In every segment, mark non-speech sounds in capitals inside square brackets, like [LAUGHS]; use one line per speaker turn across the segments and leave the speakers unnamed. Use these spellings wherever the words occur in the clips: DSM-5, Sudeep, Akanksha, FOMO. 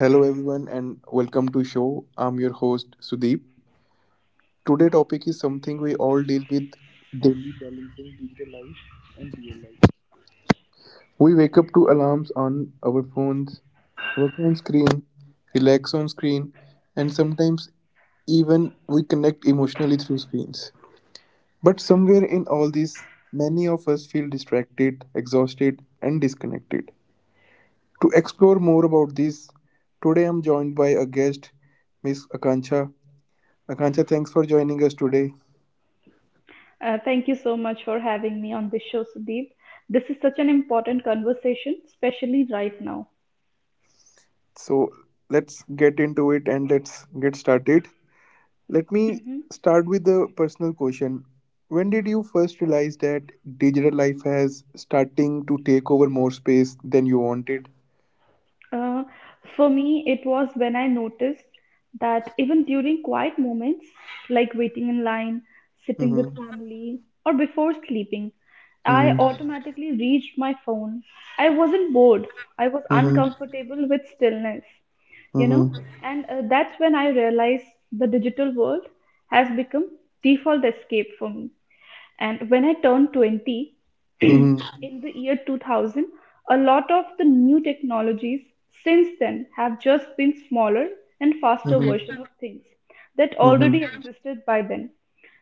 Hello everyone and welcome to show. I'm your host Sudeep. Today topic is something we all deal with daily balancing digital life and real life. We wake up to alarms on our phones, work on screen, relax on screen and sometimes even we connect emotionally through screens. But somewhere in all this many of us feel distracted, exhausted and disconnected. To explore more about this, today I'm joined by a guest Miss Akanksha Akansha, thanks for joining us today.
Thank you so much for having me on this show, Sudeep. This is such an important conversation, especially right now.
So let's get into it and let's get started. Let me
Mhm.
start with the personal question. When did you first realize that digital life has starting to take over more space than you wanted?
Uh, for me, it was when I noticed that even during quiet moments, like waiting in line, sitting with
Mm-hmm.
family, or before sleeping, I
Mm-hmm.
automatically reached my phone. I wasn't bored, I was
Mm-hmm.
uncomfortable with stillness, you know, and that's when I realized the digital world has become default escape for me. And when I turned 20, [CLEARS THROAT]
Mm-hmm.
in the year 2000, a lot of the new technologies since then have just been smaller and faster
Mm-hmm.
version of things that
Mm-hmm. Mm-hmm.
already
Mm-hmm.
existed by then.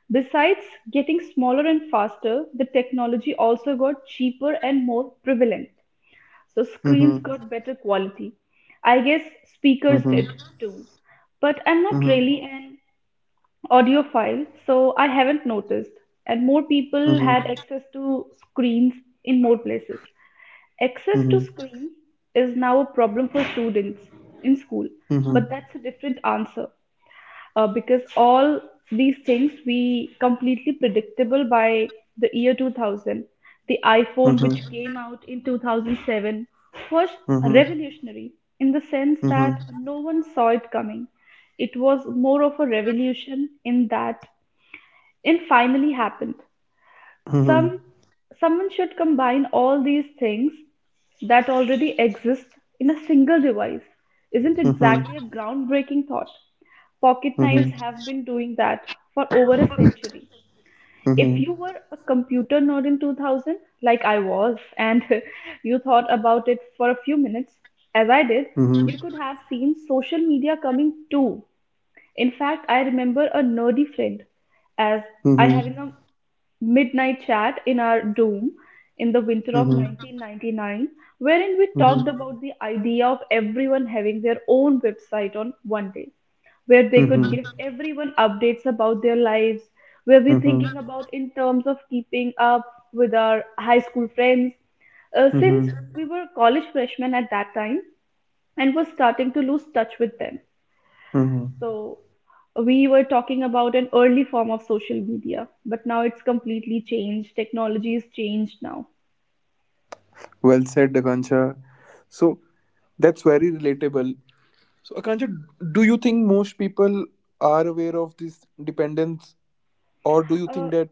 Besides getting smaller and faster, the technology also got cheaper and more prevalent. So screens got better quality. I guess
Mm-hmm.
speakers did too.
Mm-hmm.
But I'm not really an audiophile, so I haven't noticed. And more
Mm-hmm. Mm-hmm. Mm-hmm. Mm-hmm.
people had access to screens in more places.
Mm-hmm.
Access
Mm-hmm.
to screens is now a problem for students in school, but that's a different answer, because all these things we completely predictable by the year 2000. The iPhone,
Mm-hmm.
which came out in 2007, was
Mm-hmm. Mm-hmm.
revolutionary in the sense that no one saw it coming. It was more of a revolution in that it finally happened.
Mm-hmm.
Some Someone should combine all these things that already exist in a single device. Isn't
Mm-hmm.
exactly a groundbreaking thought. Pocket knives have been doing that for over a century. If you were a computer nerd in 2000, like I was, and [LAUGHS] you thought about it for a few minutes, as I did,
Mm-hmm.
you could have seen social media coming too. In fact, I remember a nerdy friend as I
Mm-hmm.
having a midnight chat in our dorm in the winter of
Mm-hmm.
1999, wherein we talked
Mhm.
about the idea of everyone having their own website on one day, where they could
Mhm.
give everyone updates about their lives, where we're
Mhm.
thinking about in terms of keeping up with our high school friends. Since
Mhm.
we were college freshmen at that time and was starting to lose touch with them.
Mhm.
So we were talking about an early form of social media, but now it's completely changed. Technology is changed now.
Well said, Akansha. So that's very relatable. So, Akansha, do you think most people are aware of this dependence, or do you
Uh,
think that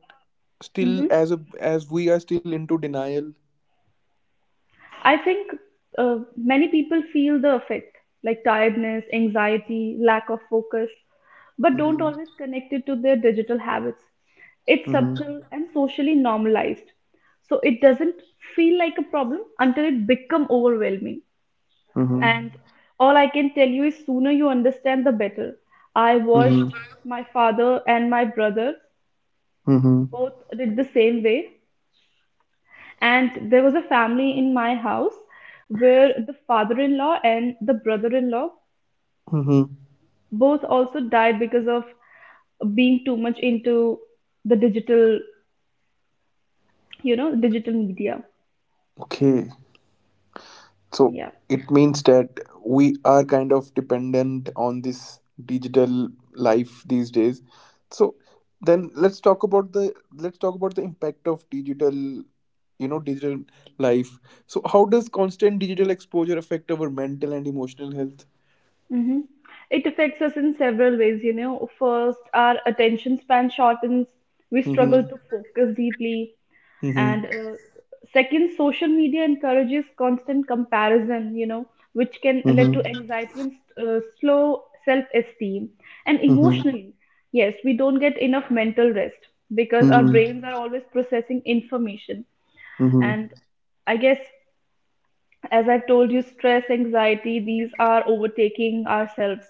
still,
mhm.
as we are still into denial?
I think many people feel the effect, like tiredness, anxiety, lack of focus, but don't
Mm-hmm.
always connect it to their digital habits. It's
Mm-hmm.
subtle and socially normalized, so it doesn't feel like a problem until it become overwhelming. And
Mm-hmm.
all I can tell you is sooner you understand, the better. I
Mm-hmm.
watched my father and my brother
Mm-hmm.
both did the same way. And there was a family in my house where the father in law and the brother in law
Mm-hmm.
both also died because of being too much into the digital, digital media.
Okay. So
Yeah.
it means that we are kind of dependent on this digital life these days. So then let's talk about the impact of digital, digital life. So how does constant digital exposure affect our mental and emotional health?
Mm-hmm. It affects us in several ways, you know. First, our attention span shortens. We struggle
Mm-hmm.
to focus deeply. And
Mm-hmm.
second, social media encourages constant comparison, you know, which can lead to
Mm-hmm.
anxiety and slow self-esteem. And emotionally, yes, we don't get enough mental rest because our
Mm-hmm.
brains are always processing information. And
Mm-hmm.
I guess, as I've told you, stress, anxiety, these are overtaking ourselves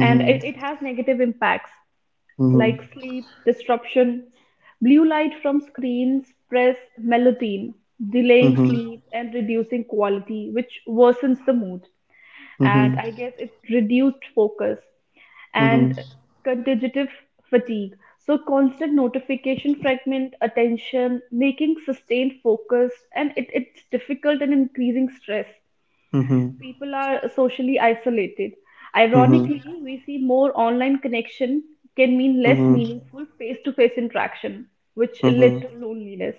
and it
Mm-hmm.
has negative impacts like sleep disruption, blue light from screens press melatonin, delaying
Mm-hmm.
sleep and reducing quality, which worsens the mood.
Mm-hmm.
And
Mm-hmm.
I guess it reduced focus and
Mm-hmm.
contagious fatigue. So, constant notification fragment attention, making sustained focus, and it's difficult and increasing stress. People are socially isolated.
Mm-hmm. Mm-hmm.
Ironically, we see more online connection can mean less
Mm-hmm.
meaningful face-to-face interaction, which led to
Mm-hmm.
loneliness.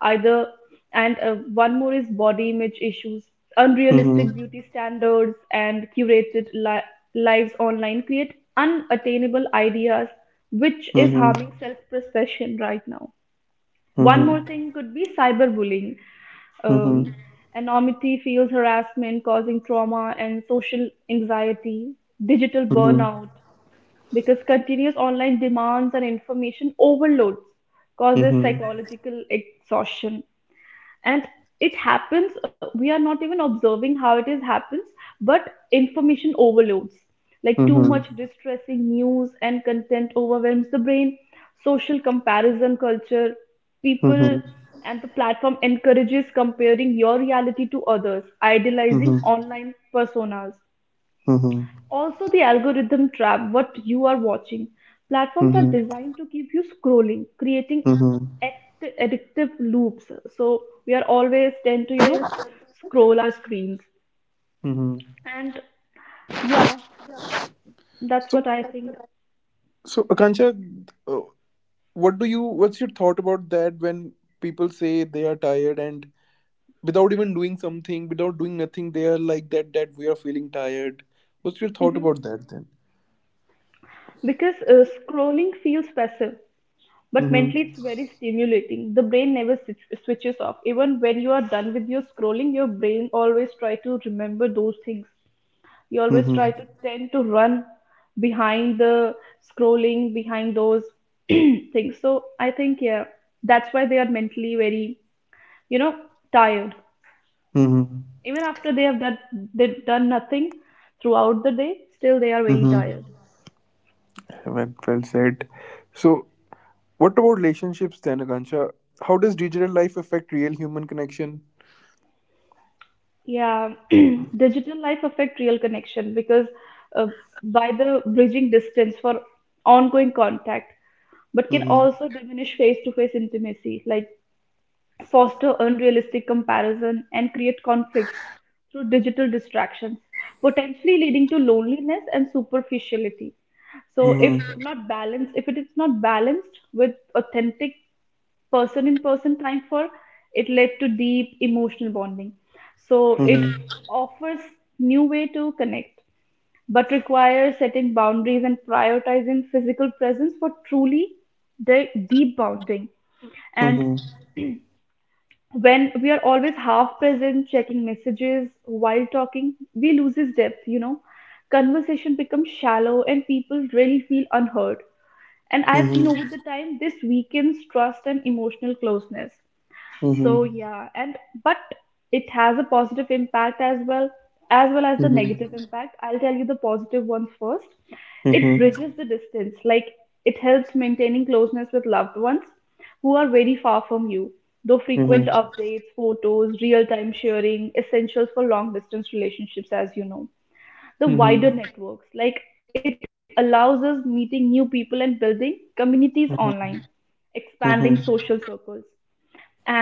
Either and one more is body image issues, unrealistic
Mm-hmm.
beauty standards, and lives online create unattainable ideas, which is
Mm-hmm.
harming self-perception right now. One more
Mm-hmm.
thing could be cyberbullying.
Mhm.
Um, Anonymity feels harassment, causing trauma and social anxiety, digital
Mhm.
burnout, because continuous online demands and information overloads causes
Mhm.
psychological exhaustion, and it happens, we are not even observing how it is happens, but information overloads like too much
Mhm.
distressing news and content overwhelms the brain, social comparison culture, people,
Mhm.
and the platform encourages comparing your reality to others idealizing
Mhm.
online personas.
Mhm.
Also, the algorithm trap what you are watching. Platforms are
Mhm.
designed to keep you scrolling, creating
Mhm.
addictive loops. So, we are always tend to, scroll our screens.
Mhm.
And yeah, that's
So,
what I think.
so, Akansha, uh, what do you? What's your thought about that? When people say they are tired and without even doing something, without doing nothing, they are like that. That we are feeling tired. What's your thought about that then?
Because scrolling feels passive, but
Mhm.
mentally it's very stimulating. The brain never switches off. Even when you are done with your scrolling, your brain always try to remember those things. You always try
Mhm.
to tend to run behind the scrolling, behind those [CLEARS THROAT] things. So I think, yeah, that's why they are mentally very, you know, tired.
Mhm.
Even after they have done, they've done nothing throughout the day, still they are very
Mhm.
tired.
Well, well said. So, what about relationships then, Akansha? How does digital life affect real human connection?
Yeah, [CLEARS THROAT] digital life affect real connection because, uh, by the bridging distance for ongoing contact, but can also diminish face-to-face intimacy. Like foster unrealistic comparison, and create conflicts through digital distractions, potentially leading to loneliness and superficiality. So, if
Mhm.
not balanced, if it is not balanced with authentic person in person time for, it led to deep emotional bonding. So, it
Mhm.
offers new way to connect, but requires setting boundaries and prioritizing physical presence for truly deep bonding. And
Mhm.
when we are always half present checking messages while talking, we loses depth, you know, conversation becomes shallow and people really feel unheard, and I have seen over
Mhm.
the time this weakens trust and emotional closeness. So
Mhm.
yeah, and but it has a positive impact as well, as well as the negative
Mhm.
impact. I'll tell you the positive one first. It
Mhm.
bridges the distance, like it helps maintaining closeness with loved ones who are very far from you. Though frequent
Mhm.
updates, photos, real-time sharing, essentials for long-distance relationships, as you know. The
Mhm.
wider networks, like it allows us meeting new people and building communities online, expanding
Mhm. Mhm.
social circles. And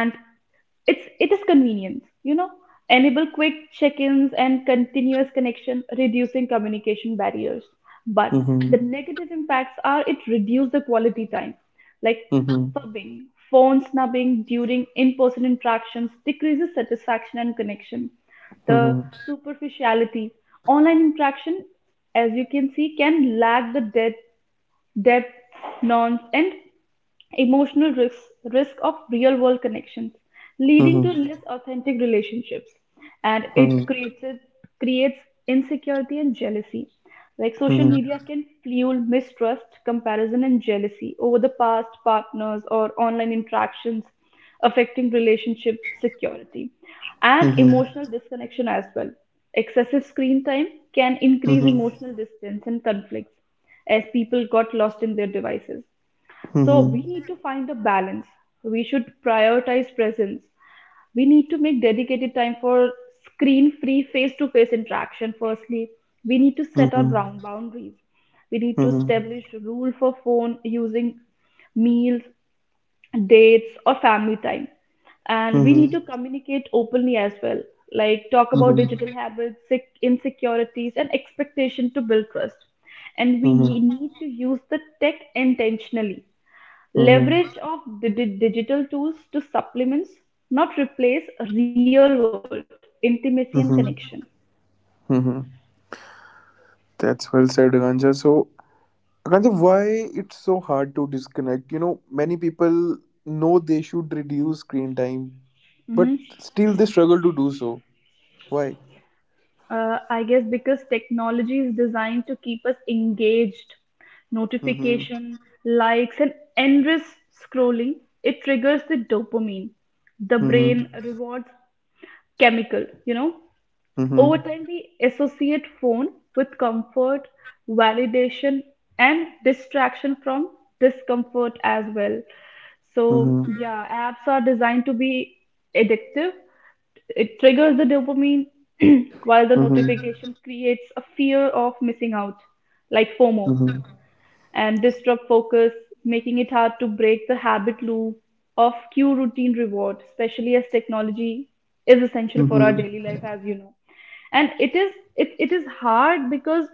it is convenience, you know. Enable quick check-ins and continuous connection, reducing communication barriers. But
Mhm.
the negative impacts are it reduces the quality time, like
Mhm.
fubbing, phone snubbing during in-person interactions decreases satisfaction and connection. The superficiality, online interaction, as you can see, can lack the depth, nuance, and emotional risk of real world connections, leading
Mhm.
to less authentic relationships. And
Mhm.
it creates insecurity and jealousy. Like social media can fuel mistrust, comparison, and jealousy over the past partners or online interactions, affecting relationship security and emotional disconnection as well. Excessive screen time can increase
Mhm.
emotional distance and conflicts as people got lost in their devices.
Mhm. Mhm.
So we
Mhm.
need to find a balance. We should prioritize presence. We need to make dedicated time for screen-free face-to-face interaction firstly. We need to set our brown boundaries. We
Mhm.
need to
Mhm. Mhm. Mhm.
establish rule for phone using meals, dates or family time. And we
Mhm.
need to communicate openly as well, like talk about digital habits, insecurities and expectation to build trust. And we need to use the tech intentionally.
Mhm.
Leverage of the digital tools to supplements, not replace, real world intimacy and connection.
Mhm. Mhm. Mhm. That's well said, Ganja. So, Ganja, why it's so hard to disconnect? You know, many people know they should reduce screen time, but
Hmm.
still they struggle to do so. Why?
I guess because technology is designed to keep us engaged,
Mhm.
notification, likes, and endless scrolling, it triggers the dopamine, the
Mhm.
brain rewards chemical, you know. Over
Mhm.
time, we associate phone with comfort, validation, and distraction from discomfort as well. So,
Mhm.
yeah, apps are designed to be addictive. It triggers the dopamine [CLEARS THROAT] while the
Mhm.
notification creates a fear of missing out, like FOMO,
Mhm.
and disrupt focus, making it hard to break the habit loop of cue routine reward, especially as technology is essential for our
Mhm.
daily life, as you know. And it is hard because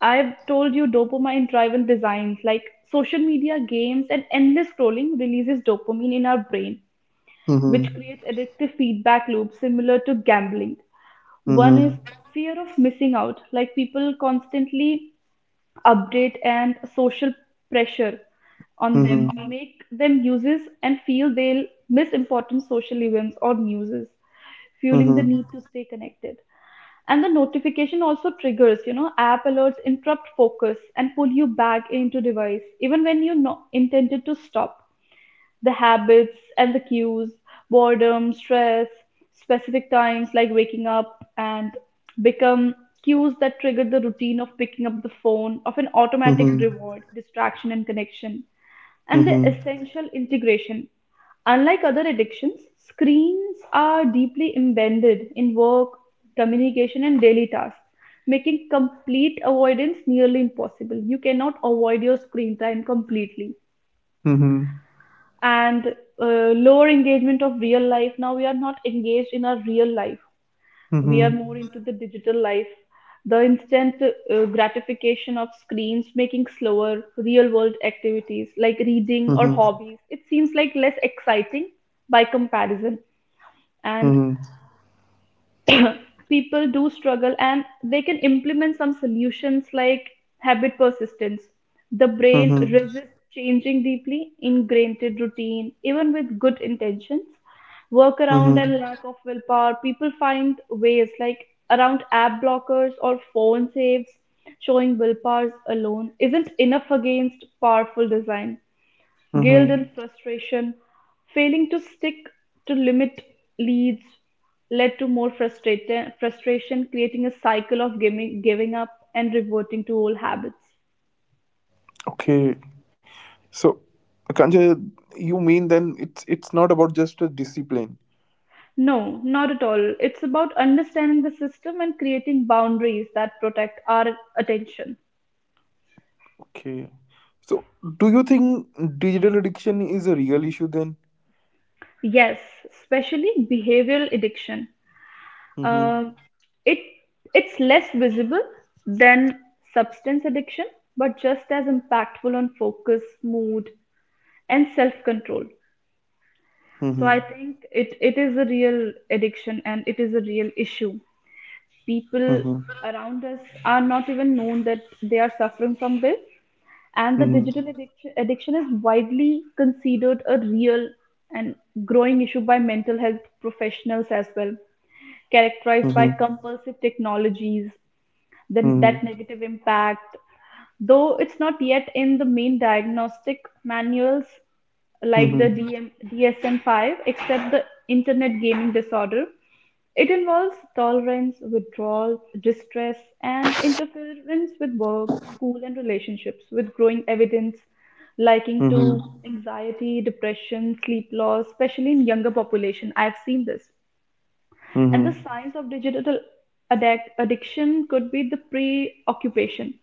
I've told you dopamine driven designs like social media, games, and endless scrolling releases dopamine in our brain, which
Mhm.
creates addictive feedback loops similar to gambling. One is
Mhm.
fear of missing out, like people constantly update and social pressure on them
Mhm.
make them uses and feel they'll miss important social events or newses, fueling the
Mhm.
need to stay connected, and the notification also triggers, you know, app alerts interrupt focus and pull you back into device even when you intended to stop. The habits and the cues, boredom, stress, specific times like waking up, and become cues that trigger the routine of picking up the phone, of an
Mhm.
automatic
Mhm.
reward, distraction, and connection, and the
Mhm.
essential integration. Unlike other addictions, screens are deeply embedded in work, communication, and daily tasks, making complete avoidance nearly impossible. You cannot avoid your screen time completely.
Mhm.
And lower engagement of real life. Now we are not engaged in our real life. We are more
Mhm.
into the digital life. The instant gratification of screens making slower real world activities like reading or hobbies. It seems like less exciting by comparison. And [LAUGHS] [CLEARS THROAT] people do struggle and they can implement some solutions like habit persistence. The brain
Mhm. Mhm.
resists changing deeply ingrained routine, even with good intentions. Workaround
Mhm.
and lack of willpower, people find ways like around app blockers or phone saves, showing willpower alone isn't enough against powerful design. Guilt and
Mhm.
frustration, failing to stick to limit leads led to more frustration, creating a cycle of giving up and reverting to old habits.
Okay. So, Kanja, you mean then it's not about just a discipline.
No, not at all. It's about understanding the system and creating boundaries that protect our attention.
Okay. So, do you think digital addiction is a real issue then?
Yes, especially behavioral addiction.
Mhm.
Um, it it's less visible than substance addiction, but just as impactful on focus, mood, and self-control. So I
Mhm.
think it is a real addiction and it is a real issue. People
Mhm.
around us are not even known that they are suffering from this, and the
Mhm.
digital addiction is widely considered a real and growing issue by mental health professionals as well, characterized by
Mhm.
compulsive technologies, then that
Mhm.
negative impact, though it's not yet in the main diagnostic manuals like the
Mhm.
DSM-5, except the internet gaming disorder. It involves tolerance, withdrawal, distress, and interference with work, school, and relationships, with growing evidence liking to
Mhm.
anxiety, depression, sleep loss, especially in younger population. I've seen this. And
Mhm.
the signs of digital addiction could be the preoccupation,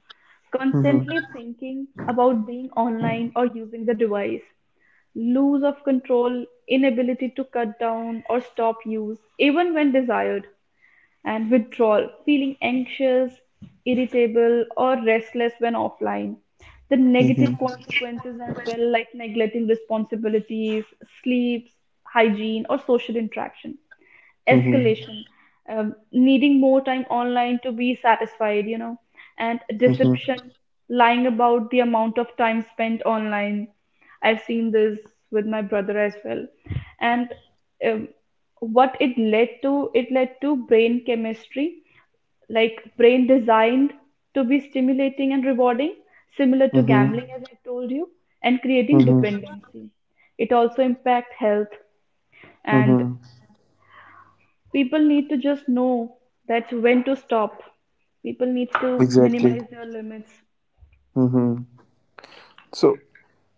Mhm.
constantly thinking about being online or using the device, lose of control, inability to cut down or stop use, even when desired, and withdrawal, feeling anxious, irritable, or restless when offline. The negative
Mhm.
consequences as well, like neglecting responsibilities, sleeps, hygiene, or social interaction
Mhm.
escalation, needing more time online to be satisfied, and
Mhm.
deception, lying about the amount of time spent online. I've seen this with my brother as well. And um, what it led to brain chemistry, like brain designed to be stimulating and rewarding, similar to
Mhm.
gambling, as I've told you, and creating
Mhm.
dependency. It also impacts health and
Mhm.
people need to just know that when to stop. People need to
Exactly.
minimize their limits.
Mm-hmm. So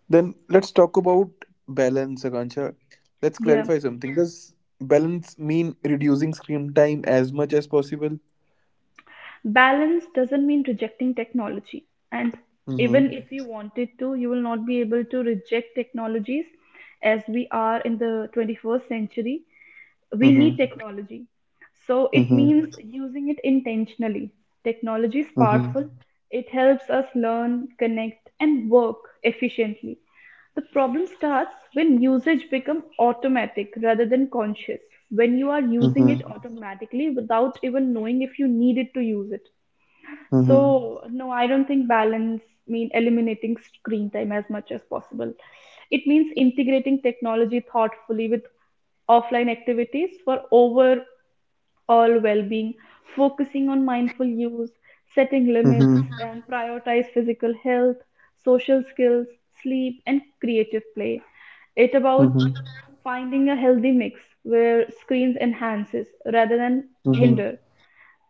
then let's talk about balance, Akansha. Let's
Yeah.
clarify something. Does balance mean reducing screen time as much as possible?
Balance doesn't mean rejecting technology. And
Mm-hmm.
even if you wanted to, you will not be able to reject technologies as we are in the 21st century. We need
Mm-hmm.
technology. So it means using it intentionally. Technology is powerful,
Mm-hmm.
it helps us learn, connect, and work efficiently. The problem starts when usage becomes automatic rather than conscious, when you are
Mm-hmm.
using it
Mm-hmm.
automatically without even knowing if you needed to use it.
Mm-hmm.
So, no, I don't think balance mean eliminating screen time as much as possible. It means integrating technology thoughtfully with offline activities for overall well-being, focusing on mindful use, setting limits,
Mm-hmm.
and prioritize physical health, social skills, sleep, and creative play. It about finding a healthy mix where screens enhances rather than
Mm-hmm. Mm-hmm. Mm-hmm.
hinder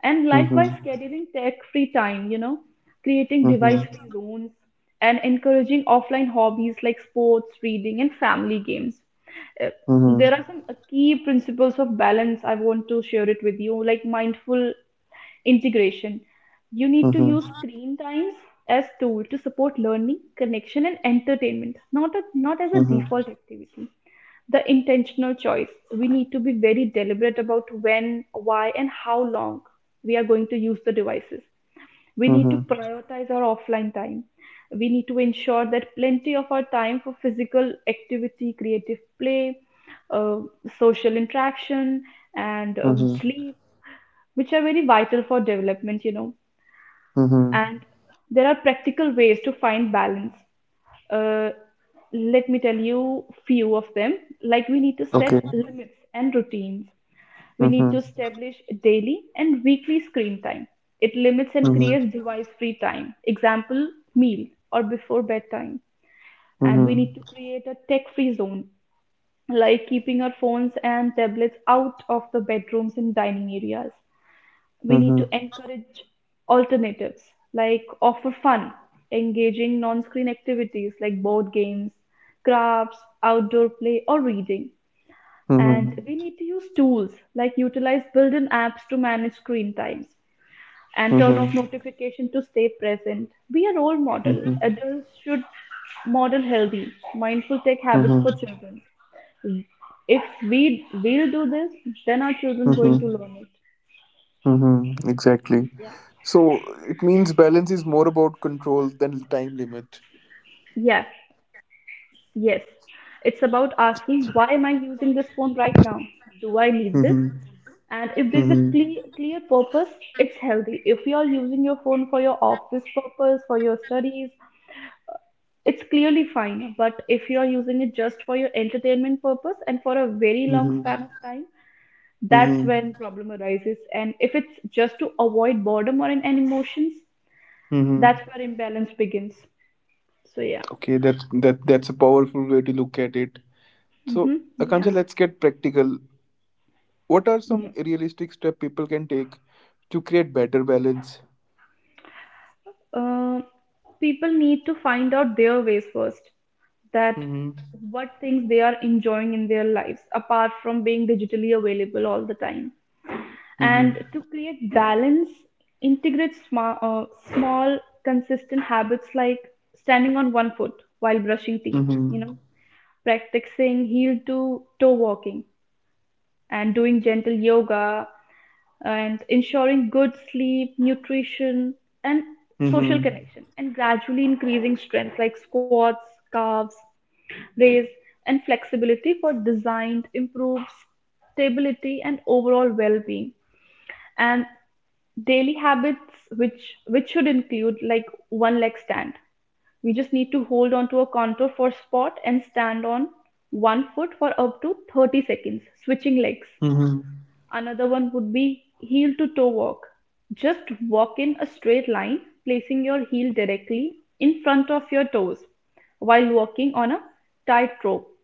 and
Mm-hmm.
likewise,
Mm-hmm.
scheduling tech free time, creating device free zones, and encouraging offline hobbies like sports, reading, and family games. Uh,
Mm-hmm.
there are some key principles of balance I want to share it with you, like mindful integration. You need to use
Mm-hmm.
screen times as tool to support learning, connection, and entertainment, not as a default activity the intentional choice. We need to be very deliberate about when, why, and how long we are going to use the devices. We need to
Mm-hmm.
prioritize our offline time. We need to ensure that plenty of our time for physical activity, creative play, uh, social interaction, and
Mm-hmm.
sleep, which are very vital for development.
Mm-hmm.
And there are practical ways to find balance. uh, Let me tell you few of them, like we need to
Okay.
set limits and routines. We need to
Mm-hmm.
establish daily and weekly screen time it limits and
Mm-hmm.
creates device free time example meal or before bedtime. And we
Mhm.
need to create a tech free zone, like keeping our phones and tablets out of the bedrooms and dining areas. We need to
Mhm.
encourage alternatives, like offer fun, engaging non screen activities like board games, crafts, outdoor play, or reading. And
Mhm.
we need to use tools like utilize built in apps to manage screen times and turn off
Mhm.
notification to stay present. Be a role model.
Mhm.
Adults should model healthy, mindful tech habits for
Mhm.
children. If we will do this, then our children going to
Mhm.
learn it.
Mhm. Exactly.
Yeah.
So it means balance is more about control than time limit.
Yeah. Yes, it's about asking why am I using this phone right now? Do I need this?
Mm-hmm.
And if there's a
Mm-hmm.
clear purpose, it's healthy. If you're using your phone for your office purpose, for your studies, it's clearly fine. But if you're using it just for your entertainment purpose and for a very long
Mm-hmm.
span of time, that's
Mm-hmm.
when problem arises. And if it's just to avoid boredom or and emotions, that's
Mm-hmm.
where imbalance begins. So yeah.
Okay, that's a powerful way to look at it. So,
Mm-hmm. Yeah.
Akansha, let's get practical. What are some
Yes.
realistic steps people can take to create better balance?
uh, People need to find out their ways first that
Mm-hmm.
what things they are enjoying in their lives apart from being digitally available all the time,
Mm-hmm.
and to create balance integrate small consistent habits like standing on 1 foot while brushing teeth,
Mm-hmm.
practicing heel to toe walking, and doing gentle yoga, and ensuring good sleep, nutrition, and social
Mm-hmm.
connection, and gradually increasing strength like squats, calves, raise, and flexibility for designed improves stability and overall well-being. And daily habits which should include like one leg stand. We just need to hold onto a contour for spot and stand on 1 foot for up to 30 seconds, switching legs.
Mm-hmm.
Another one would be heel to toe walk. Just walk in a straight line, placing your heel directly in front of your toes while walking on a tightrope.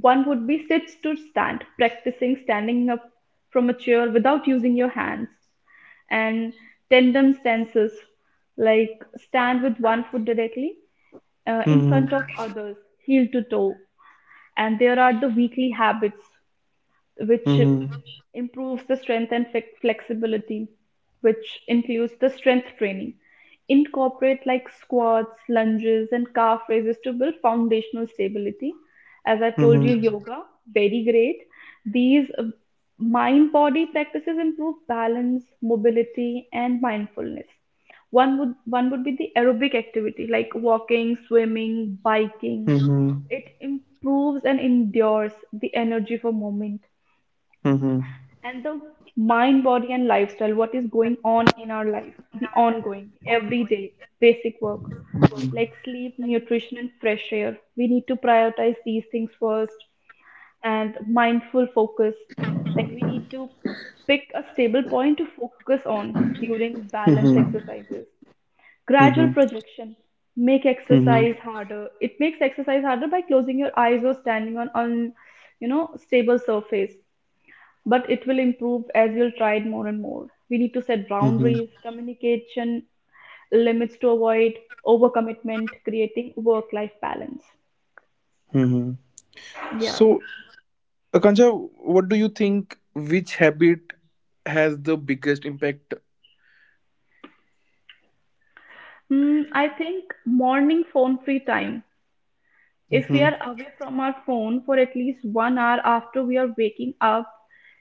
One would be sits to stand, practicing standing up from a chair without using your hands. And tandem stances, like stand with 1 foot directly in front of
Mm-hmm.
others, heel to toe. And there are the weekly habits which
Mm-hmm.
improves the strength and flexibility, which includes the strength training. Incorporate like squats, lunges, and calf raises to build foundational stability. As I told you,
Mm-hmm.
yoga, very great. These mind body practices improve balance, mobility, and mindfulness. One would be the aerobic activity like walking, swimming, biking.
Mm-hmm.
It improves and endures the energy for movement
Mhm.
and the mind, body, and lifestyle, what is going on in our life, the ongoing, everyday, basic work
Mhm.
like sleep, nutrition, and fresh air. We need to prioritize these things first and mindful focus. Like we need to pick a stable point to focus on during balance
Mhm.
exercises. Gradual
Mhm.
projection. Make
Mhm.
exercise harder. It makes exercise harder by closing your eyes or standing on stable surface, but it will improve as you'll try it more and more. We need to set
Mhm.
boundaries, communication limits to avoid overcommitment, creating work-life balance.
Mhm.
Yeah.
So, Akansha, what do you think? Which habit has the biggest impact?
Hmm, I think morning phone free time. If we
Mhm.
are away from our phone for at least 1 hour after we are waking up,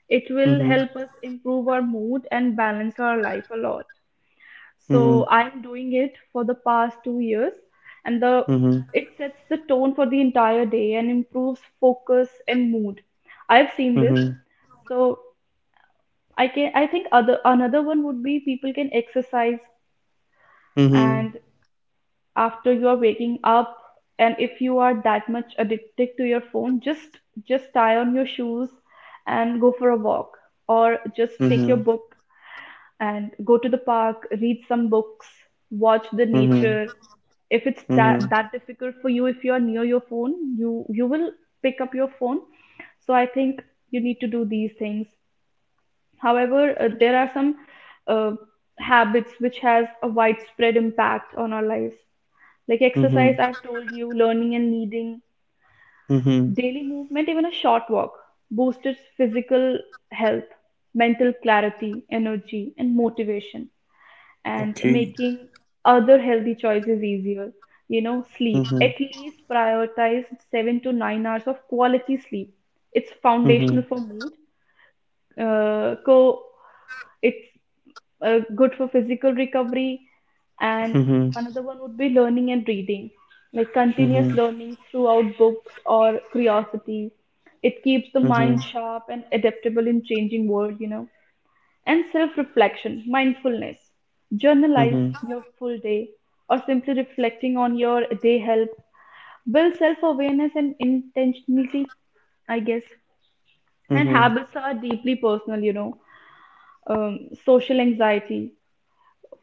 it will
Mhm.
help us improve our mood and balance our life a lot. So
Mhm.
I'm doing it for the past 2 years, and the
Mhm.
it sets the tone for the entire day and improves focus and mood. I've seen this.
Mhm.
So I can I think other Another one would be people can exercise
Mhm.
and after you are waking up, and if you are that much addicted to your phone, just tie on your shoes and go for a walk, or just take your
Mhm.
book and go to the park, read some books, watch the
Mhm.
nature. If it's that,
Mhm.
that difficult for you, if you're near your phone, you will pick up your phone. So I think you need to do these things. However, there are some uh, habits which has a widespread impact on our lives. Like
Mhm.
exercise, I've told you, learning and reading,
Mhm.
daily movement, even a short walk, boosts physical health, mental clarity, energy, and motivation and
Okay.
making other healthy choices easier. You know, sleep.
Mhm.
At least prioritize 7 to 9 hours of quality sleep. It's
Mhm.
foundational for mood. Co it's good for physical recovery, and
Mhm.
another one would be learning and reading, like continuous
Mhm.
learning throughout books or curiosity. It keeps the
Mhm. Mhm.
mind sharp and adaptable in changing world. You know, and self reflection, mindfulness. Journalize
Mhm.
your full day or simply reflecting on your day help build self awareness and intentionality, I guess. And
Mhm.
habits are deeply personal, social anxiety,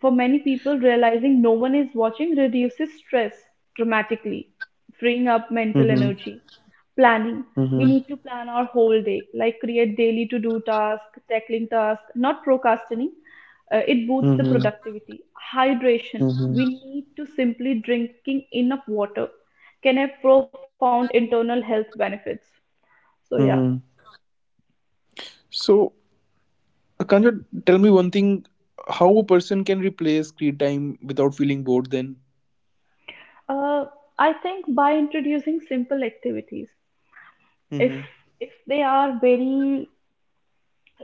for many people, realizing no one is watching reduces stress dramatically, freeing up mental energy. Planning.
Mhm.
We need to plan our whole day, like create daily to do tasks, tackling tasks, not procrastinating. It boosts the
Mhm.
productivity. Hydration.
Mhm.
We need to simply drinking enough water can have profound internal health benefits. So yeah,
Mhm. So, Can't you tell me one thing? How a person can replace screen time without feeling bored? Then
uh, I think by introducing simple activities, if
Mm-hmm.
if they are very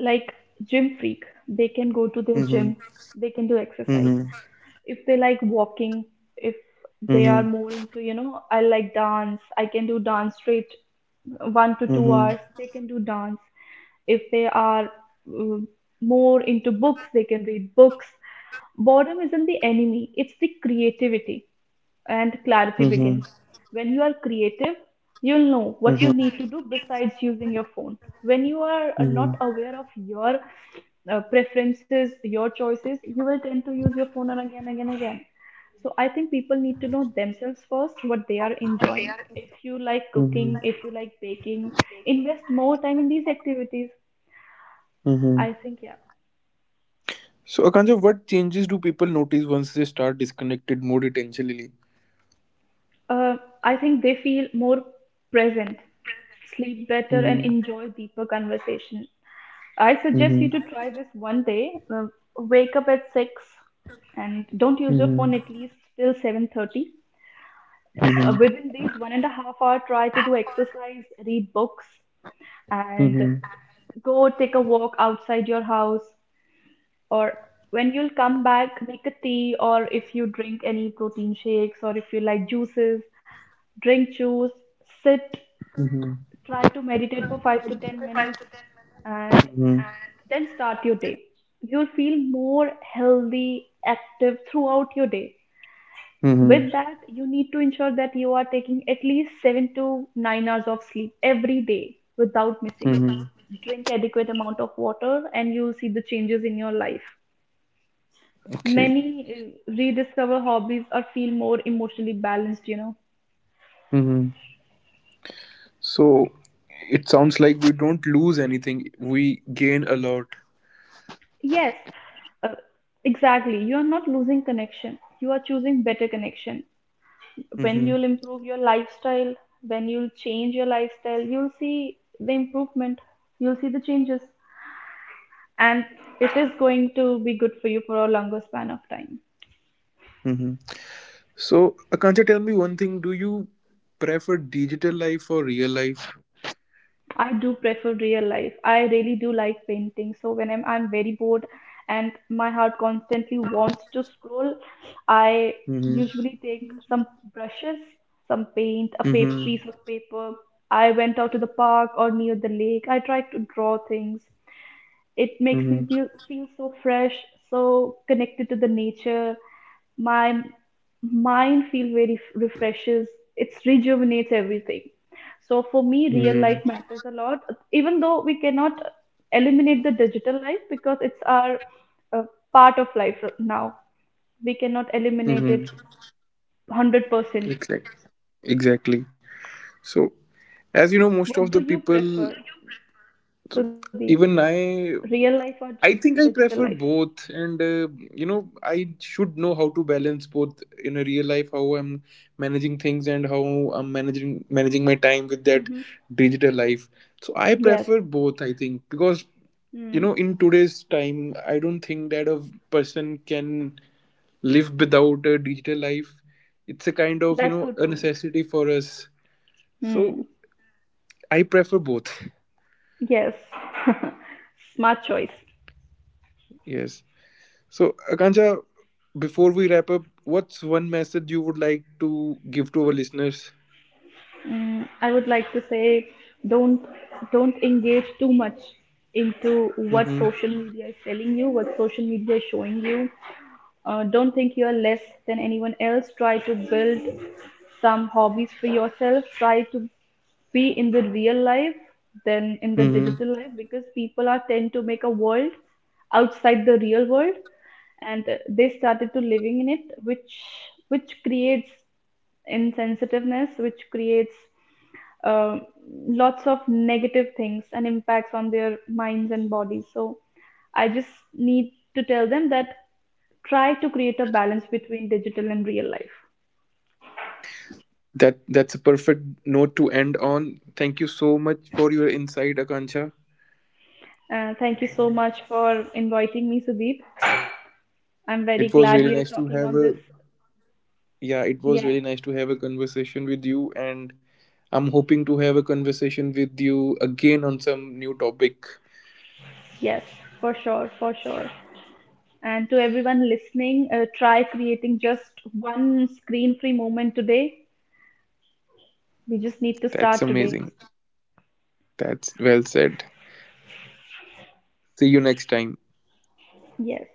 like gym freak, they can go to their gym,
Mm-hmm.
they can do exercise.
Mm-hmm.
If they like walking, if they are more into, I like dance, I can do dance straight one to two
Mm-hmm.
hours
Mm-hmm.
they can do dance. If they are more into books, they can read books. Boredom isn't the enemy, it's the creativity and clarity begins.
Mm-hmm.
When you are creative, you'll know what you need to do besides using your phone. When you are not
Mm-hmm.
aware of your preferences, your choices, you will tend to use your phone and again, again, again. So I think people need to know themselves first, what they are enjoying. If you like cooking,
Mm-hmm.
if you like baking, invest more time in these activities.
Mm-hmm.
I think, yeah.
So, Akanja, what changes do people notice once they start disconnected more intentionally?
Uh, I think they feel more present, sleep better, and
Mhm,
enjoy deeper conversation. I suggest you
mhm,
to try this one day. Wake up at 6 and don't use your phone
mhm,
at least till 7:30.
mhm,
Within these 1.5 hour, try to do exercise, read books, and
mhm,
go take a walk outside your house. Or when you'll come back, make a tea, or if you drink any protein shakes, or if you like juices, drink juice, sit,
mhm,
try to meditate for 5 to 10 minutes, and
mhm,
then start your day. You'll feel more healthy, active throughout your day.
mhm,
With that, you need to ensure that you are taking at least 7 to 9 hours of sleep every day without missing it.
mhm,
Drink adequate amount of water, and you'll see the changes in your life.
okay,
Many rediscover hobbies or feel more emotionally balanced, you know.
mhm. So it sounds like we don't lose anything; we gain a lot.
Yes, uh, exactly. You are not losing connection. You are choosing better connection. When
Mm-hmm.
you'll improve your lifestyle, when you'll change your lifestyle, you'll see the improvement, you'll see the changes, and it is going to be good for you for a longer span of time.
Mm-hmm. So, Akansha, tell me one thing. Do you prefer digital life or real life?
I do prefer real life. I really do like painting. So when I'm very bored and my heart constantly wants to scroll, I
Mm-hmm.
usually take some brushes, some paint, a piece
Mm-hmm.
of paper. I went out to the park or near the lake. I tried to draw things. It makes me
Mm-hmm.
feel so fresh, so connected to the nature. My mind feel very refreshes. It rejuvenates everything. So for me, real
Mm-hmm.
life matters a lot. Even though we cannot eliminate the digital life because it's our uh, part of life now. We cannot eliminate
Mm-hmm.
it 100%.
Exactly. Exactly. So, as you know, most of
What
the
do you
people,
prefer, Sudeep?
so even
Real life or
I
digital life?
think I prefer both. And, you know, I should know how to balance both in a real life, how I'm managing things and how I'm managing my time with that
Hmm.
digital life. So I
Yes.
prefer both, I think, because you
Mm.
know in today's time I don't think that a person can live without a digital life. It's a kind of, you
That's so
know, a
true.
necessity for us.
Hmm.
So I prefer both. [LAUGHS]
Yes, [LAUGHS] smart choice.
Yes. So Akansha, before we wrap up, what's one message you would like to give to our listeners?
Mm, I would like to say, don't don't engage too much into what
Mm-hmm.
social media is telling you, what social media is showing you. Don't think you're less than anyone else. Try to build some hobbies for yourself. Try to be in the real life than in the
Mm-hmm.
digital life because people are tend to make a world outside the real world, and they started to living in it, which creates insensitiveness, which creates uh, lots of negative things and impacts on their minds and bodies. So I just need to tell them that try to create a balance between digital and real life.
That that's a perfect note to end on. Thank you so much for your insight Akansha.
Thank you so much for inviting me, Sudeep. I'm very
It was
glad
really
we are
nice to
talking
have
on
a
this.
Yeah, it was
Yeah,
really nice to have a conversation with you, and I'm hoping to have a conversation with you again on some new topic.
yes, for sure, for sure. And to everyone listening, try creating just one screen free moment today. We just need to
That's
start today.
amazing. That's well said. See you next time.
Yes.